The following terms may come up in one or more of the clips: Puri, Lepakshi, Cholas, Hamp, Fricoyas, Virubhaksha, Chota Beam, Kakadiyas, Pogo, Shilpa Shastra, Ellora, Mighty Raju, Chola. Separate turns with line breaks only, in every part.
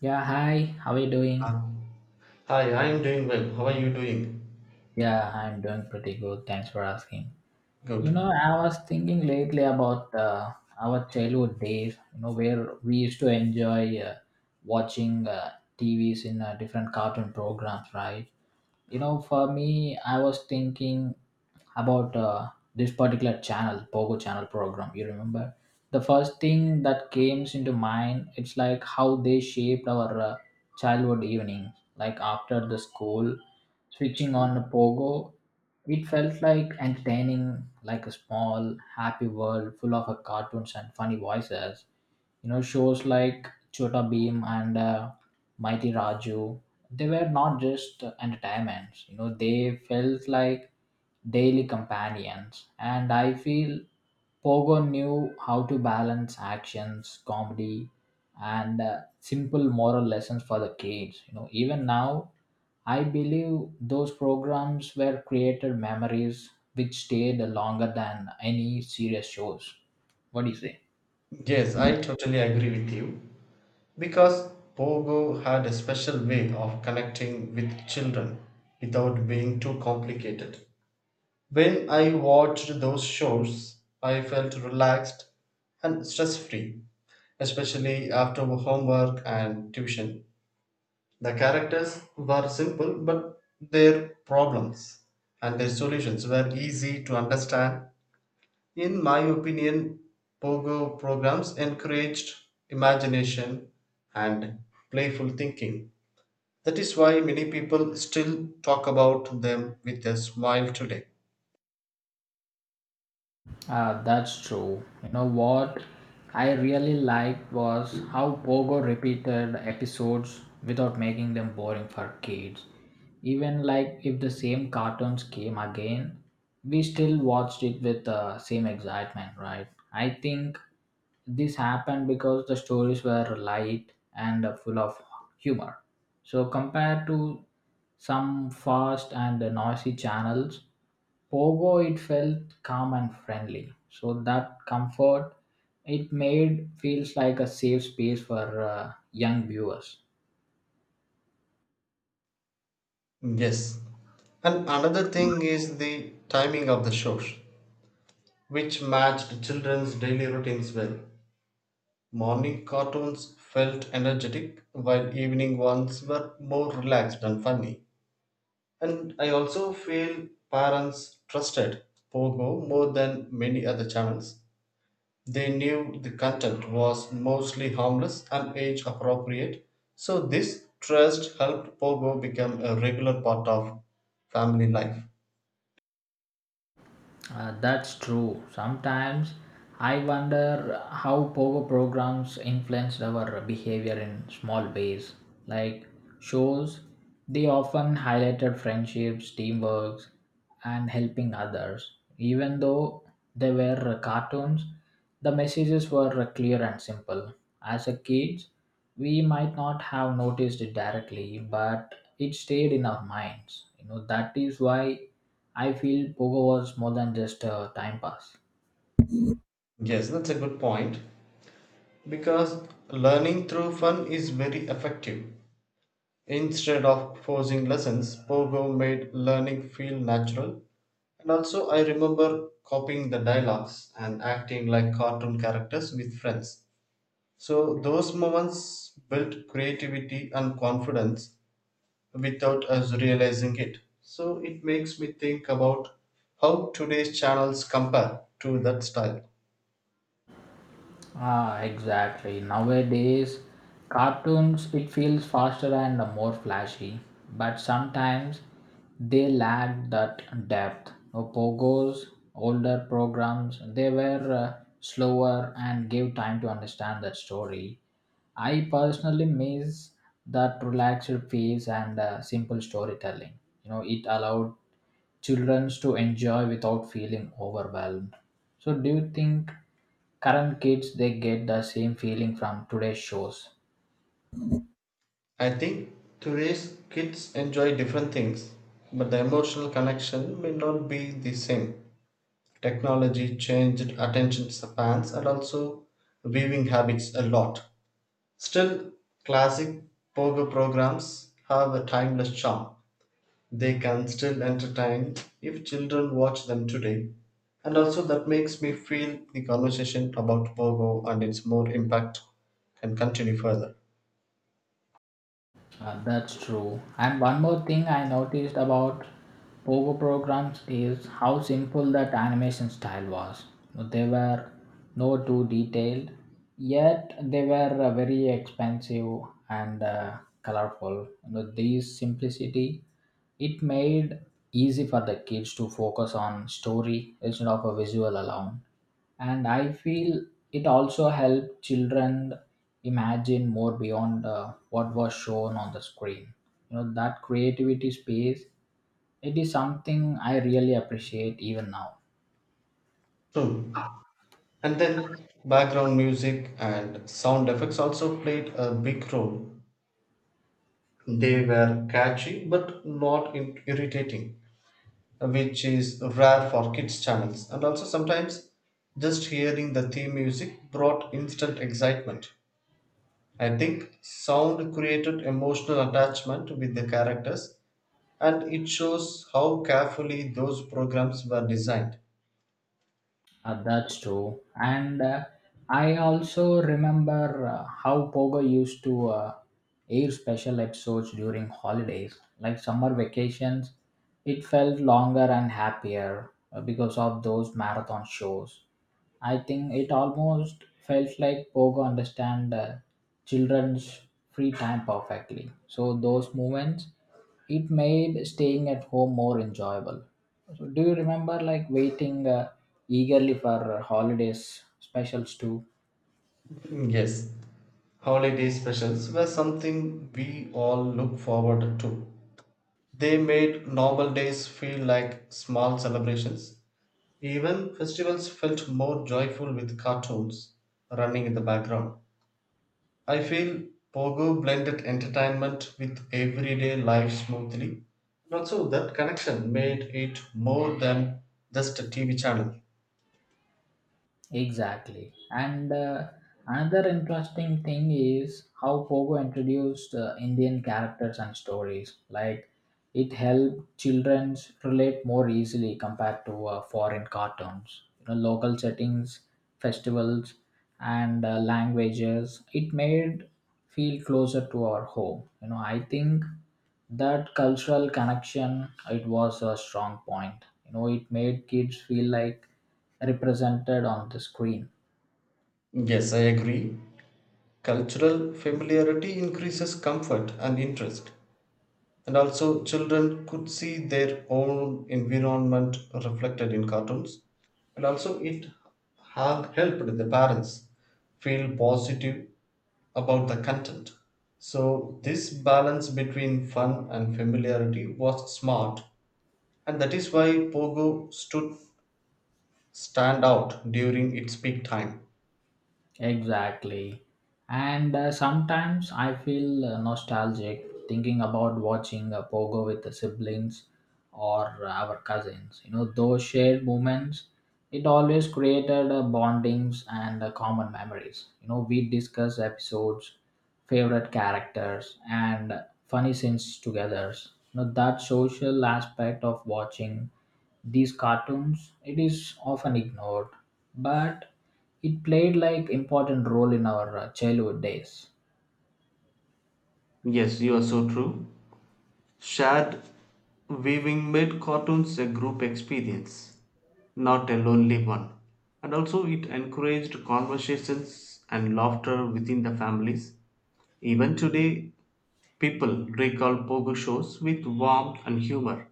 Yeah, hi. How are you doing?
Uh, Hi, I'm doing well. How are you doing?
Yeah, I'm doing pretty good. Thanks for asking. You know,
Good.
I was thinking lately about our childhood days, you know, where we used to enjoy watching TVs in different cartoon programs, right? You know, for me, I was thinking about this particular channel, Pogo channel program. You remember? The first thing that came into mind, it's like how they shaped our childhood evenings. Like after the school, switching on the Pogo it felt like entertaining, like a small, happy world full of cartoons and funny voices. You know, shows like Chota Beam and Mighty Raju, they were not just entertainments. You know, they felt like daily companions. And I feel Pogo knew how to balance actions, comedy, and simple moral lessons for the kids. You know, even now I believe those programs were created memories which stayed longer than any serious shows. What do you say?
Yes, I totally agree with you. Because Pogo had a special way of connecting with children without being too complicated. When I watched those shows, I felt relaxed and stress free, especially after homework and tuition. The characters were simple, but their problems and their solutions were easy to understand. In my opinion, pogo programs encouraged imagination and playful thinking. That is why many people still talk about them with a smile today.
Ah, that's true. You know what I really liked was how Pogo repeated episodes without making them boring for kids. Even like if the same cartoons came again, we still watched it with the same excitement, right? I think this happened because the stories were light and full of humor. So compared to some fast and noisy channels, Pogo it felt calm and friendly. So that comfort it made feels like a safe space for young viewers.
Yes. And another thing is the timing of the shows, which matched children's daily routines well. Morning cartoons felt energetic, while evening ones were more relaxed and funny. And I also feel parents trusted Pogo more than many other channels. They knew the content was mostly harmless and age appropriate, so this trust helped Pogo become a regular part of family life.
That's true. Sometimes I wonder how pogo programs influenced our behavior in small ways. Like shows, they often highlighted friendships, teamwork, and helping others. Even though they were cartoons, the messages were clear and simple. As a kid, we might not have noticed it directly, but it stayed in our minds. You know that is why I feel pogo was more than just a time pass.
Yes, that's a good point because learning through fun is very effective. Instead of forcing lessons, Pogo made learning feel natural. And also, I remember copying the dialogues and acting like cartoon characters with friends. So, those moments built creativity and confidence without us realizing it. So, it makes me think about how today's channels compare to that style.
Ah, exactly. Nowadays, cartoons it feels faster and more flashy, but sometimes they lack that depth. Pogo's older programs they were slower and gave time to understand that story. I personally miss that relaxed pace and simple storytelling. You know, it allowed childrens to enjoy without feeling overwhelmed. So do you think current kids they get the same feeling from today's shows?
I think today's kids enjoy different things, but the emotional connection may not be the same. Technology changed attention spans and also viewing habits a lot. Still, classic pogo programs have a timeless charm. They can still entertain if children watch them today. And also, that makes me feel the conversation about pogo and its more impact can continue further.
That's true. And one more thing I noticed about Pogo programs is how simple that animation style was. They were no too detailed, yet they were very expensive and colorful. You know, this simplicity it made easy for the kids to focus on story instead of a visual alone, and I feel it also helped children imagine more beyond what was shown on the screen. You know, that creativity space, it is something I really appreciate even now.
True. And then background music and sound effects also played a big role. They were catchy but not in- irritating, which is rare for kids' channels. And also, sometimes just hearing the theme music brought instant excitement. I think sound created emotional attachment with the characters, and it shows how carefully those programs were designed.
That's true, and I also remember uh, how Pogo used to air special episodes during holidays like summer vacations. It felt longer and happier because of those marathon shows. I think it almost felt like Pogo understand children's free time perfectly. So those moments, it made staying at home more enjoyable. So do you remember like waiting eagerly for holidays specials too?
Yes, holiday specials were something we all look forward to. They made normal days feel like small celebrations. Even festivals felt more joyful with cartoons running in the background. I feel Pogo blended entertainment with everyday life smoothly. And also, that connection made it more than just a TV channel.
Exactly. And another interesting thing is how Pogo introduced Indian characters and stories. Like, it helped children relate more easily compared to foreign cartoons. You know, local settings, festivals, and languages. It made feel closer to our home. You know, I think that cultural connection it was a strong point. You know, it made kids feel like represented on the screen.
Yes, I agree. Cultural familiarity increases comfort and interest. And also, children could see their own environment reflected in cartoons. And also, it helped the parents feel positive about the content. So, this balance between fun and familiarity was smart, and that is why Pogo stood stand out during its peak time.
Exactly. And sometimes I feel nostalgic thinking about watching a pogo with the siblings or our cousins. You know, those shared moments, it always created bondings and common memories. You know, we discuss episodes, favorite characters, and funny scenes together. You know, that social aspect of watching these cartoons, it is often ignored. But it played like important role in our childhood days.
Yes, you are so true. Shared weaving made cartoons a group experience, not a lonely one. And also, it encouraged conversations and laughter within the families. Even today, people recall pogo shows with warmth and humor.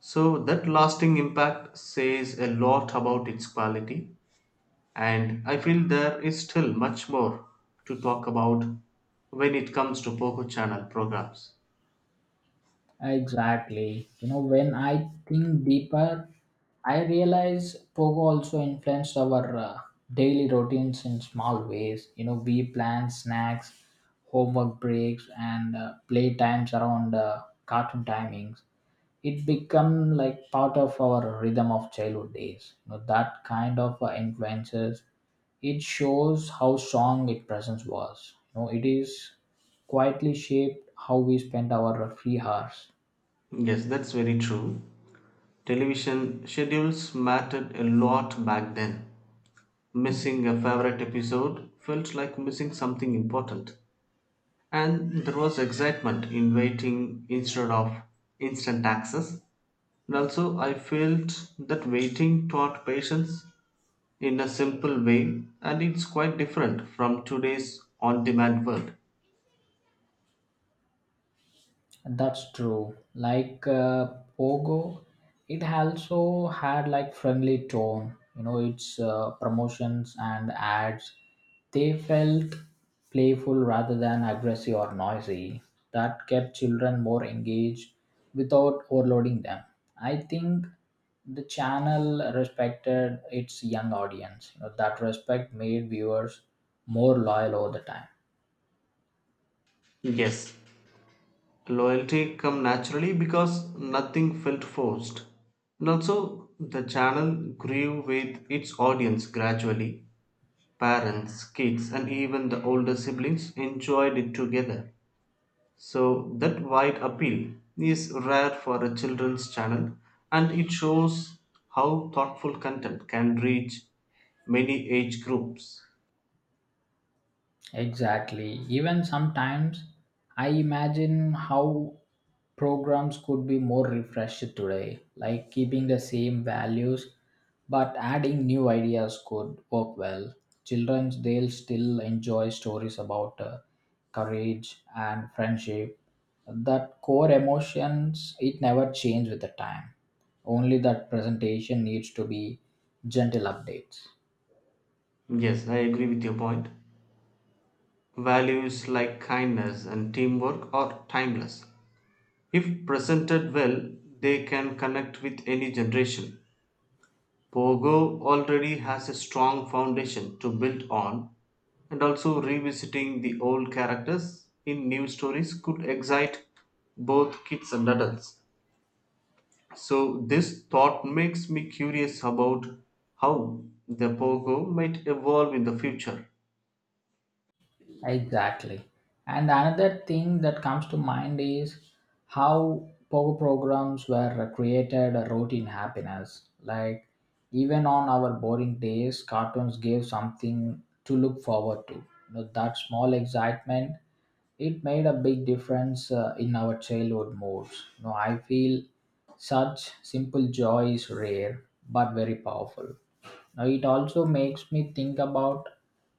So, that lasting impact says a lot about its quality, and I feel there is still much more to talk about when it comes to Pogo Channel programs.
Exactly. You know, when I think deeper, I realize pogo also influenced our daily routines in small ways. You know, we planned snacks, homework breaks, and play times around cartoon timings. It become like part of our rhythm of childhood days. You know, that kind of influences, it shows how strong its presence was. You know, it is quietly shaped how we spend our free hours.
Yes, that's very true. Television schedules mattered a lot back then. Missing a favorite episode felt like missing something important, and there was excitement in waiting instead of instant access. And also, I felt that waiting taught patience in a simple way, and it's quite different from today's on demand world.
That's true. Like Pogo, it also had like friendly tone. You know, its promotions and ads, they felt playful rather than aggressive or noisy. That kept children more engaged without overloading them. I think the channel respected its young audience. You know, that respect made viewers more loyal over the time.
Yes, loyalty come naturally because nothing felt forced. And also, the channel grew with its audience gradually. Parents, kids, and even the older siblings enjoyed it together. So that wide appeal is rare for a children's channel, and it shows how thoughtful content can reach many age groups.
Exactly. Even sometimes I imagine how programs could be more refreshed today, like keeping the same values but adding new ideas could work well. Children, they'll still enjoy stories about courage and friendship. That core emotions, it never change with the time. Only that presentation needs to be gentle updates.
Yes, I agree with your point. Values like kindness and teamwork are timeless. If presented well, they can connect with any generation. Pogo already has a strong foundation to build on, and also revisiting the old characters in new stories could excite both kids and adults. So, this thought makes me curious about how the Pogo might evolve in the future.
Exactly. And another thing that comes to mind is how power programs were created a routine happiness. Like even on our boring days, cartoons gave something to look forward to. You know, that small excitement, it made a big difference in our childhood moods. You know, I feel such simple joy is rare but very powerful. Now, it also makes me think about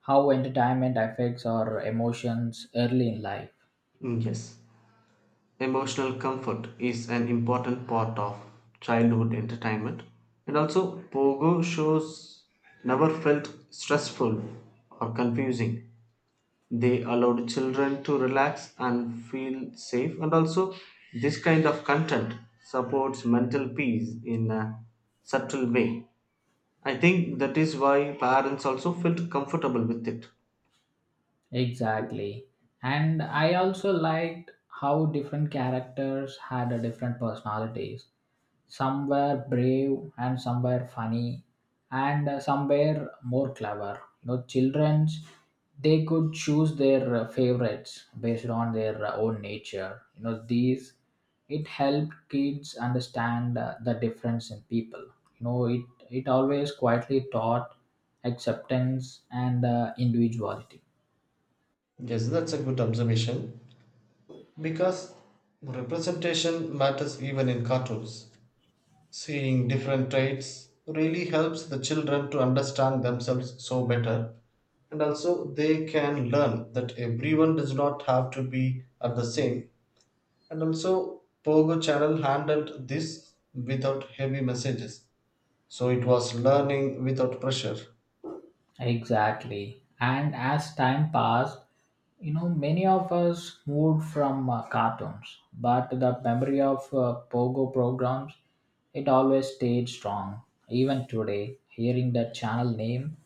how entertainment affects our emotions early in life.
Mm, yes, emotional comfort is an important part of childhood entertainment, and also Pogo shows never felt stressful or confusing. They allowed children to relax and feel safe. And also, this kind of content supports mental peace in a subtle way. I think that is why parents also felt comfortable with it.
Exactly. And I also liked how different characters had a different personalities. Some were brave and some were funny and some were more clever. You know, children's they could choose their favorites based on their own nature. You know, these it helped kids understand the difference in people. You know, it always quietly taught acceptance and individuality.
Yes, that's a good observation because representation matters even in cartoons. Seeing different traits really helps the children to understand themselves so better, and also they can learn that everyone does not have to be at the same. And also, Pogo channel handled this without heavy messages. So it was learning without pressure.
Exactly. And as time passed, you know, many of us moved from cartoons, but the memory of Pogo programs, it always stayed strong. Even today, hearing that channel name,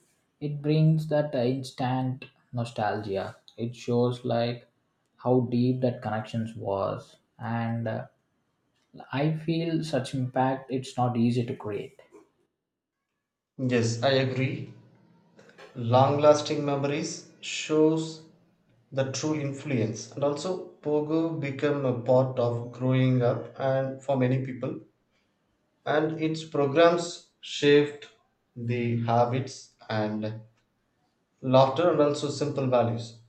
it brings that instant nostalgia. It shows like how deep that connections was, and I feel such impact. It's not easy to create.
Yes, I agree. Long lasting memories shows the true influence. And also, Pogo became a part of growing up and for many people. And its programs shaped the habits and laughter and also simple values.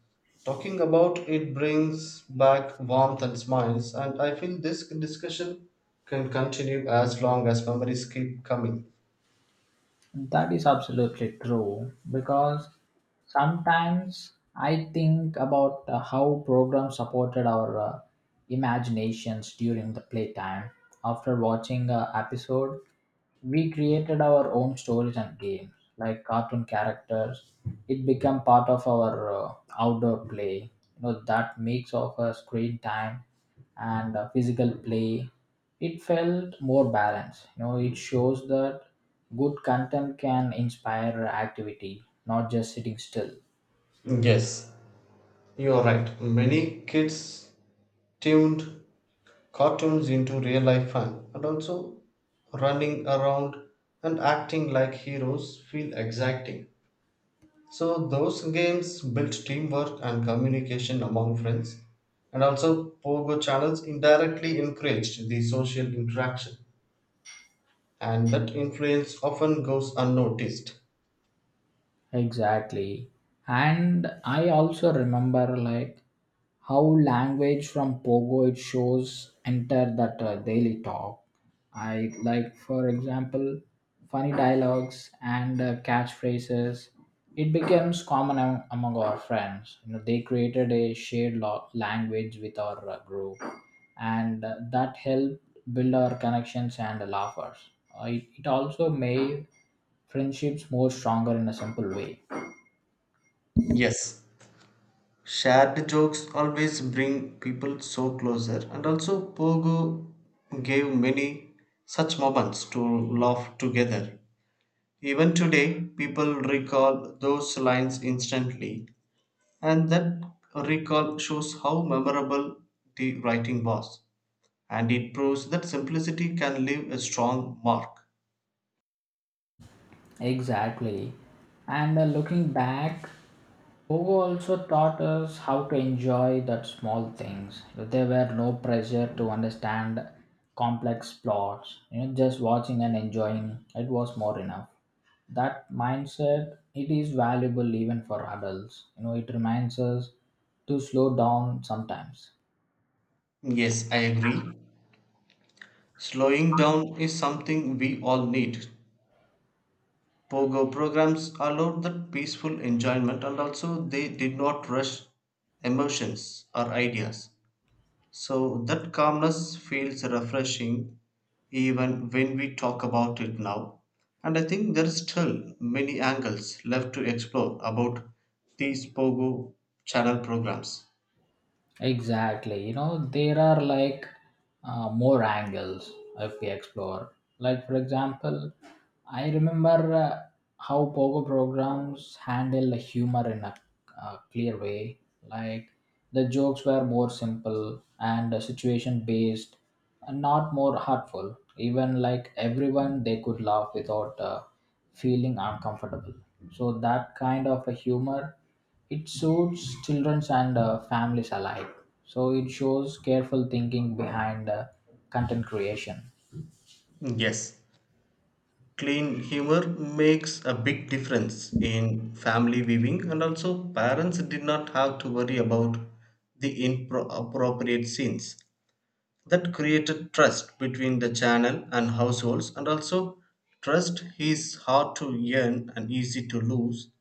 Talking about it brings back warmth and smiles, and I feel this discussion can continue as long as memories keep coming.
That is absolutely true because sometimes I think about how programs supported our imaginations during the playtime. After watching a episode, we created our own stories and games like cartoon characters. It became part of our outdoor play. You know, that mix of screen time and physical play, it felt more balanced. You know, it shows that good content can inspire activity, not just sitting still.
Yes, you are right. Many kids tuned cartoons into real life fun, and also running around and acting like heroes feel exciting. So those games built teamwork and communication among friends, and also Pogo channels indirectly encouraged the social interaction, and that influence often goes unnoticed.
Exactly. And I also remember like how language from Pogo it shows enter that daily talk. I like for example funny dialogues and catchphrases. It becomes common among our friends. You know, they created a shared language with our group, and that helped build our connections and laughers. It also made friendships more stronger in a simple way.
Yes, shared jokes always bring people so closer, and also Pogo gave many such moments to laugh together. Even today, people recall those lines instantly. And that recall shows how memorable the writing was. And it proves that simplicity can leave a strong mark.
Exactly, and looking back, pogo also taught us how to enjoy that small things. You know, there were no pressure to understand complex plots. You know, just watching and enjoying, it was more enough. That mindset, it is valuable even for adults. You know, it reminds us to slow down sometimes.
Yes, I agree. Slowing down is something we all need. Pogo programs allowed that peaceful enjoyment and also they did not rush emotions or ideas. So that calmness feels refreshing even when we talk about it now. And I think there is still many angles left to explore about these Pogo channel programs.
Exactly. You know, there are like more angles if we explore. Like, for example, I remember how Pogo programs handle the humor in a, clear way. Like, the jokes were more simple and situation based and not more hurtful. Even like everyone, they could laugh without feeling uncomfortable. So, that kind of a humor it suits children and families alike. So it shows careful thinking behind content creation.
Yes, clean humor makes a big difference in family viewing, and also parents did not have to worry about the inappropriate scenes. That created trust between the channel and households, and also trust is hard to earn and easy to lose.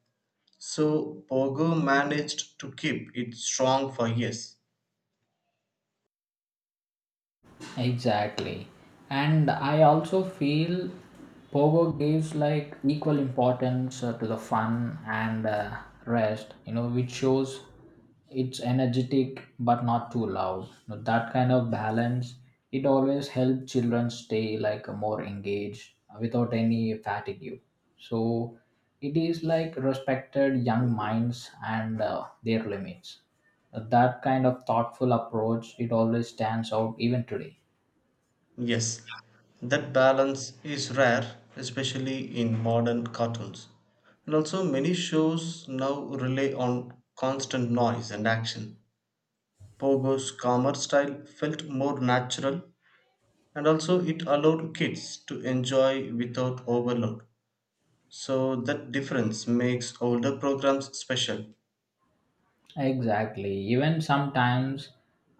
So Pogo managed to keep it strong for years.
Exactly. And I also feel Pogo gives like equal importance to the fun and rest, you know, which shows it's energetic but not too loud. You know, that kind of balance, it always helps children stay like more engaged without any fatigue. So it is like respected young minds and their limits. That kind of thoughtful approach, it always stands out even today.
Yes, that balance is rare, especially in modern cartoons. And also, many shows now rely on constant noise and action. Pogo's calmer style felt more natural, and also it allowed kids to enjoy without overload. So that difference makes older programs special.
Exactly. Even sometimes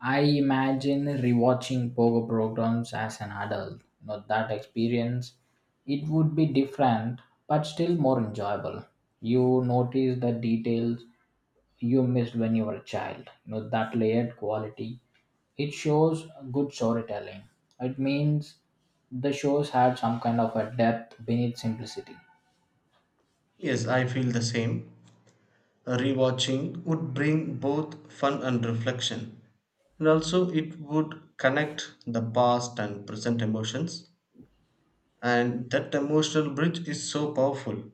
I imagine rewatching pogo programs as an adult. You know, that experience, it would be different, but still more enjoyable. You notice the details you missed when you were a child. You know, that layered quality. It shows good storytelling. It means the shows had some kind of a depth beneath simplicity.
Yes, I feel the same. Rewatching would bring both fun and reflection. And also, it would connect the past and present emotions. And that emotional bridge is so powerful.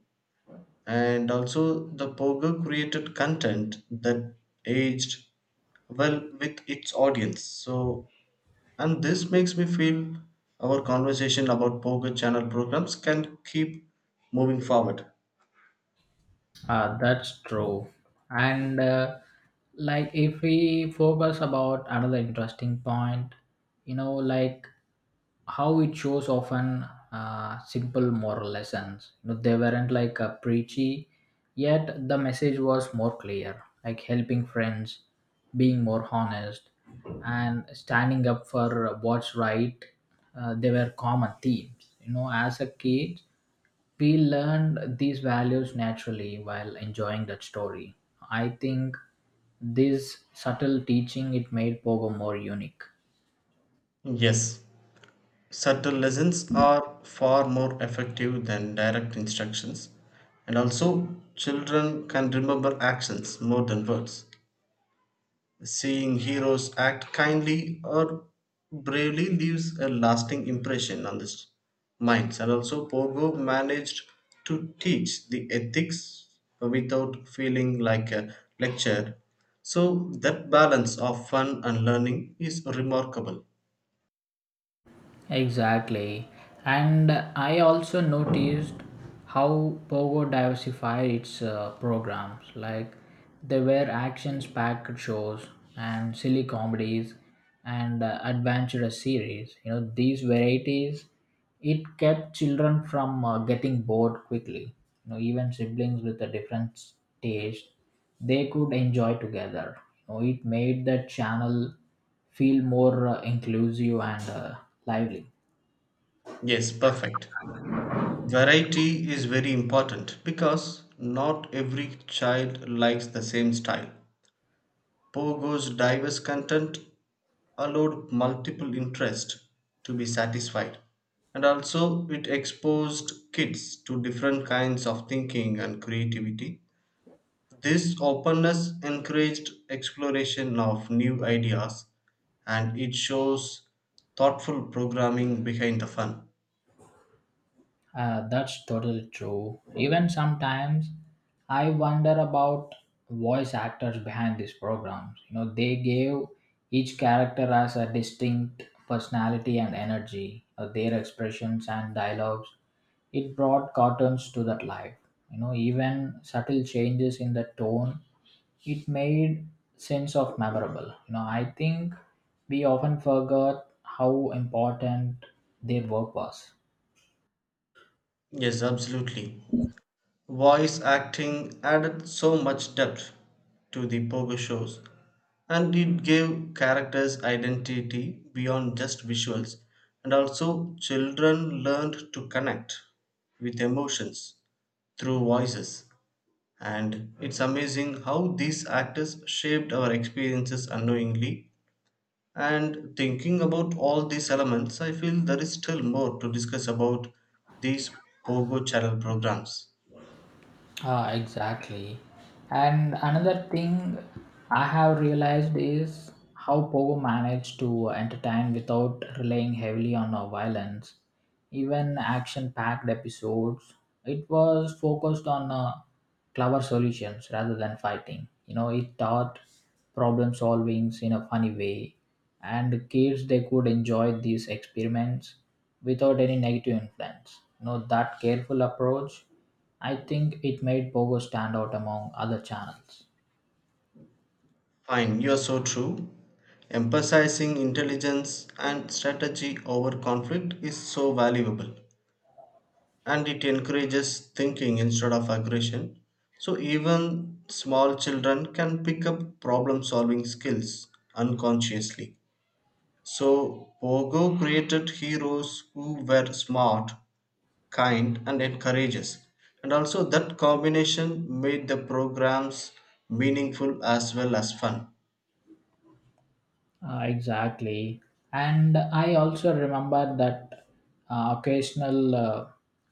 And also, the Pogo created content that aged well with its audience. So, and this makes me feel our conversation about Pogo channel programs can keep moving forward.
That's true. And like if we focus about another interesting point, you know, like how it shows often simple moral lessons. You know, they weren't like preachy, yet the message was more clear, like helping friends, being more honest, and standing up for what's right. They were common themes. You know, as a kid, we learned these values naturally while enjoying that story. I think this subtle teaching it made Pogo more unique.
Yes, subtle lessons are far more effective than direct instructions, and also children can remember actions more than words. Seeing heroes act kindly or bravely leaves a lasting impression on the minds, and also Pogo managed to teach the ethics without feeling like a lecture. So, that balance of fun and learning is remarkable.
Exactly. And I also noticed how Pogo diversified its programs. Like there were actions packed shows and silly comedies and adventurous series. You know, these varieties, it kept children from getting bored quickly. You know, even siblings with a different taste, they could enjoy together. You know, it made the channel feel more inclusive and lively.
Yes, perfect. Variety is very important because not every child likes the same style. Pogo's diverse content allowed multiple interests to be satisfied, and also it exposed kids to different kinds of thinking and creativity. This openness encouraged exploration of new ideas, and it shows thoughtful programming behind the fun.
That's totally true. Even sometimes I wonder about voice actors behind these programs. You know, they gave each character as a distinct personality and energy, their expressions and dialogues. It brought cartoons to that life. You know, even subtle changes in the tone it made sense of memorable. You know, I think we often forgot how important their work was.
Yes, absolutely. Voice acting added so much depth to the pogo shows, and it gave characters identity beyond just visuals, and also children learned to connect with emotions through voices. And it's amazing how these actors shaped our experiences unknowingly. And thinking about all these elements, I feel there is still more to discuss about these Pogo channel programs.
Ah, exactly. And another thing I have realized is how Pogo managed to entertain without relying heavily on violence. Even action packed episodes, it was focused on clever solutions rather than fighting. You know, it taught problem solving in a funny way, and the kids they could enjoy these experiments without any negative influence. You know, that careful approach I think it made Pogo stand out among other channels.
Fine, you're so true. Emphasizing intelligence and strategy over conflict is so valuable. And it encourages thinking instead of aggression. So even small children can pick up problem solving skills unconsciously. So Pogo created heroes who were smart, kind, and encourageous. And also that combination made the programs meaningful as well as fun.
Exactly. And I also remember that occasional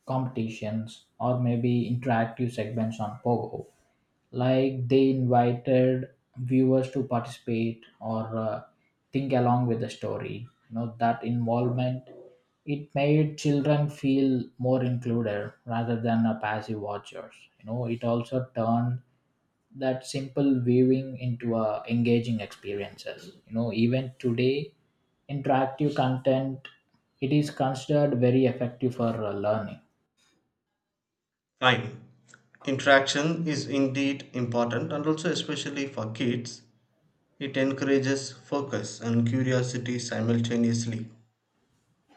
competitions or maybe interactive segments on Pogo. Like they invited viewers to participate or think along with the story. You know, that involvement, it made children feel more included rather than a passive watchers. You know, it also turned that simple weaving into engaging experiences, you know, even today interactive content it is considered very effective for learning.
Fine. Interaction is indeed important, and also, especially for kids, it encourages focus and curiosity simultaneously.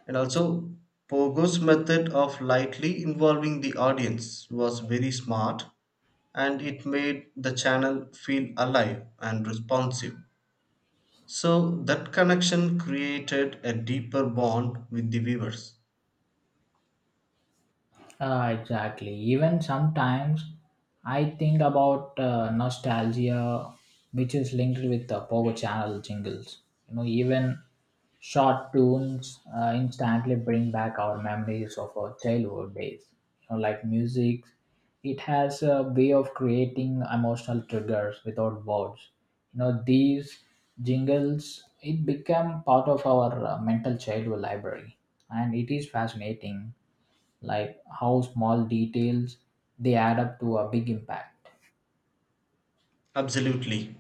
And also, Pogo's method of lightly involving the audience was very smart, and it made the channel feel alive and responsive. So, that connection created a deeper bond with the viewers.
Exactly. Even sometimes I think about nostalgia, which is linked with the Pogo Channel jingles. You know, even short tunes instantly bring back our memories of our childhood days. You know, like music, it has a way of creating emotional triggers without words. You know, these jingles, it became part of our mental childhood library, and it is fascinating like how small details they add up to a big impact.
Absolutely.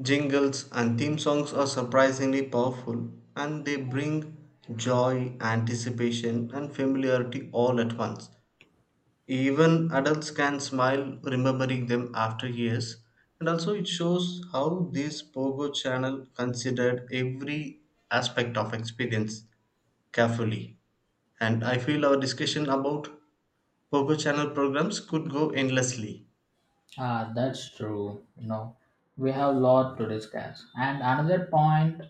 Jingles and theme songs are surprisingly powerful, and they bring joy, anticipation, and familiarity all at once. Even adults can smile remembering them after years. And also, it shows how this Pogo channel considered every aspect of experience carefully. And I feel our discussion about Pogo channel programs could go endlessly.
Ah, that's true. You know, we have a lot to discuss. And another point,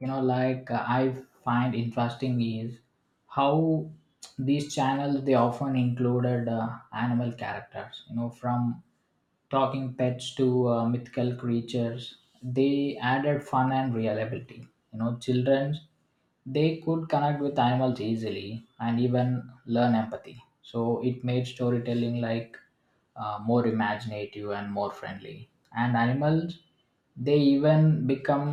you know, like I find interesting is how these channels they often included animal characters. You know, from talking pets to mythical creatures they added fun and reliability. You know, children they could connect with animals easily and even learn empathy, so it made storytelling like more imaginative and more friendly, and animals they even become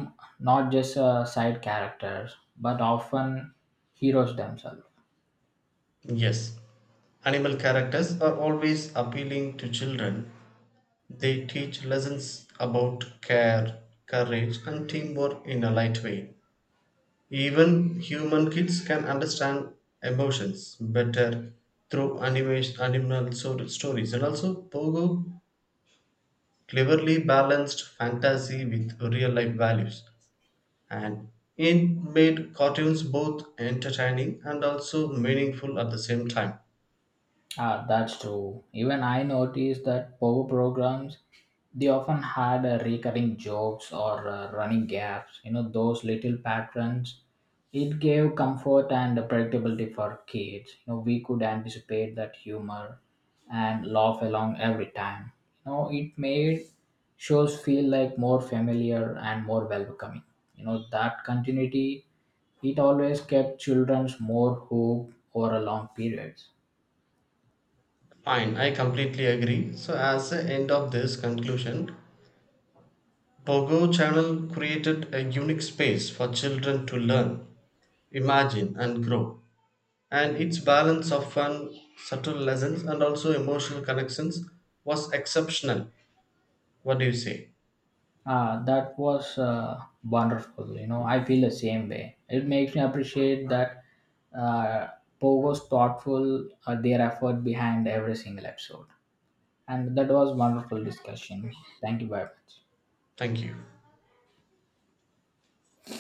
not just a side characters but often heroes themselves.
Yes, animal characters are always appealing to children. They teach lessons about care, courage, and teamwork in a light way. Even human kids can understand emotions better through animation, stories. And also, Pogo cleverly balanced fantasy with real life values. And it made cartoons both entertaining and also meaningful at the same time.
Ah, that's true. Even I noticed that power programs, they often had recurring jokes or running gaps. You know, those little patterns. It gave comfort and predictability for kids. You know, we could anticipate that humor and laugh along every time. You know, it made shows feel like more familiar and more welcoming. You know, that continuity, it always kept children's more hooked over a long periods.
Fine, I completely agree. So, as the end of this conclusion, Pogo Channel created a unique space for children to learn, imagine, and grow. And its balance of fun, subtle lessons, and also emotional connections was exceptional. What do you say?
Ah, that was wonderful. You know, I feel the same way. It makes me appreciate that uh, Pogo's thoughtful their effort behind every single episode. And that was wonderful discussion. Thank you very much.
Thank you.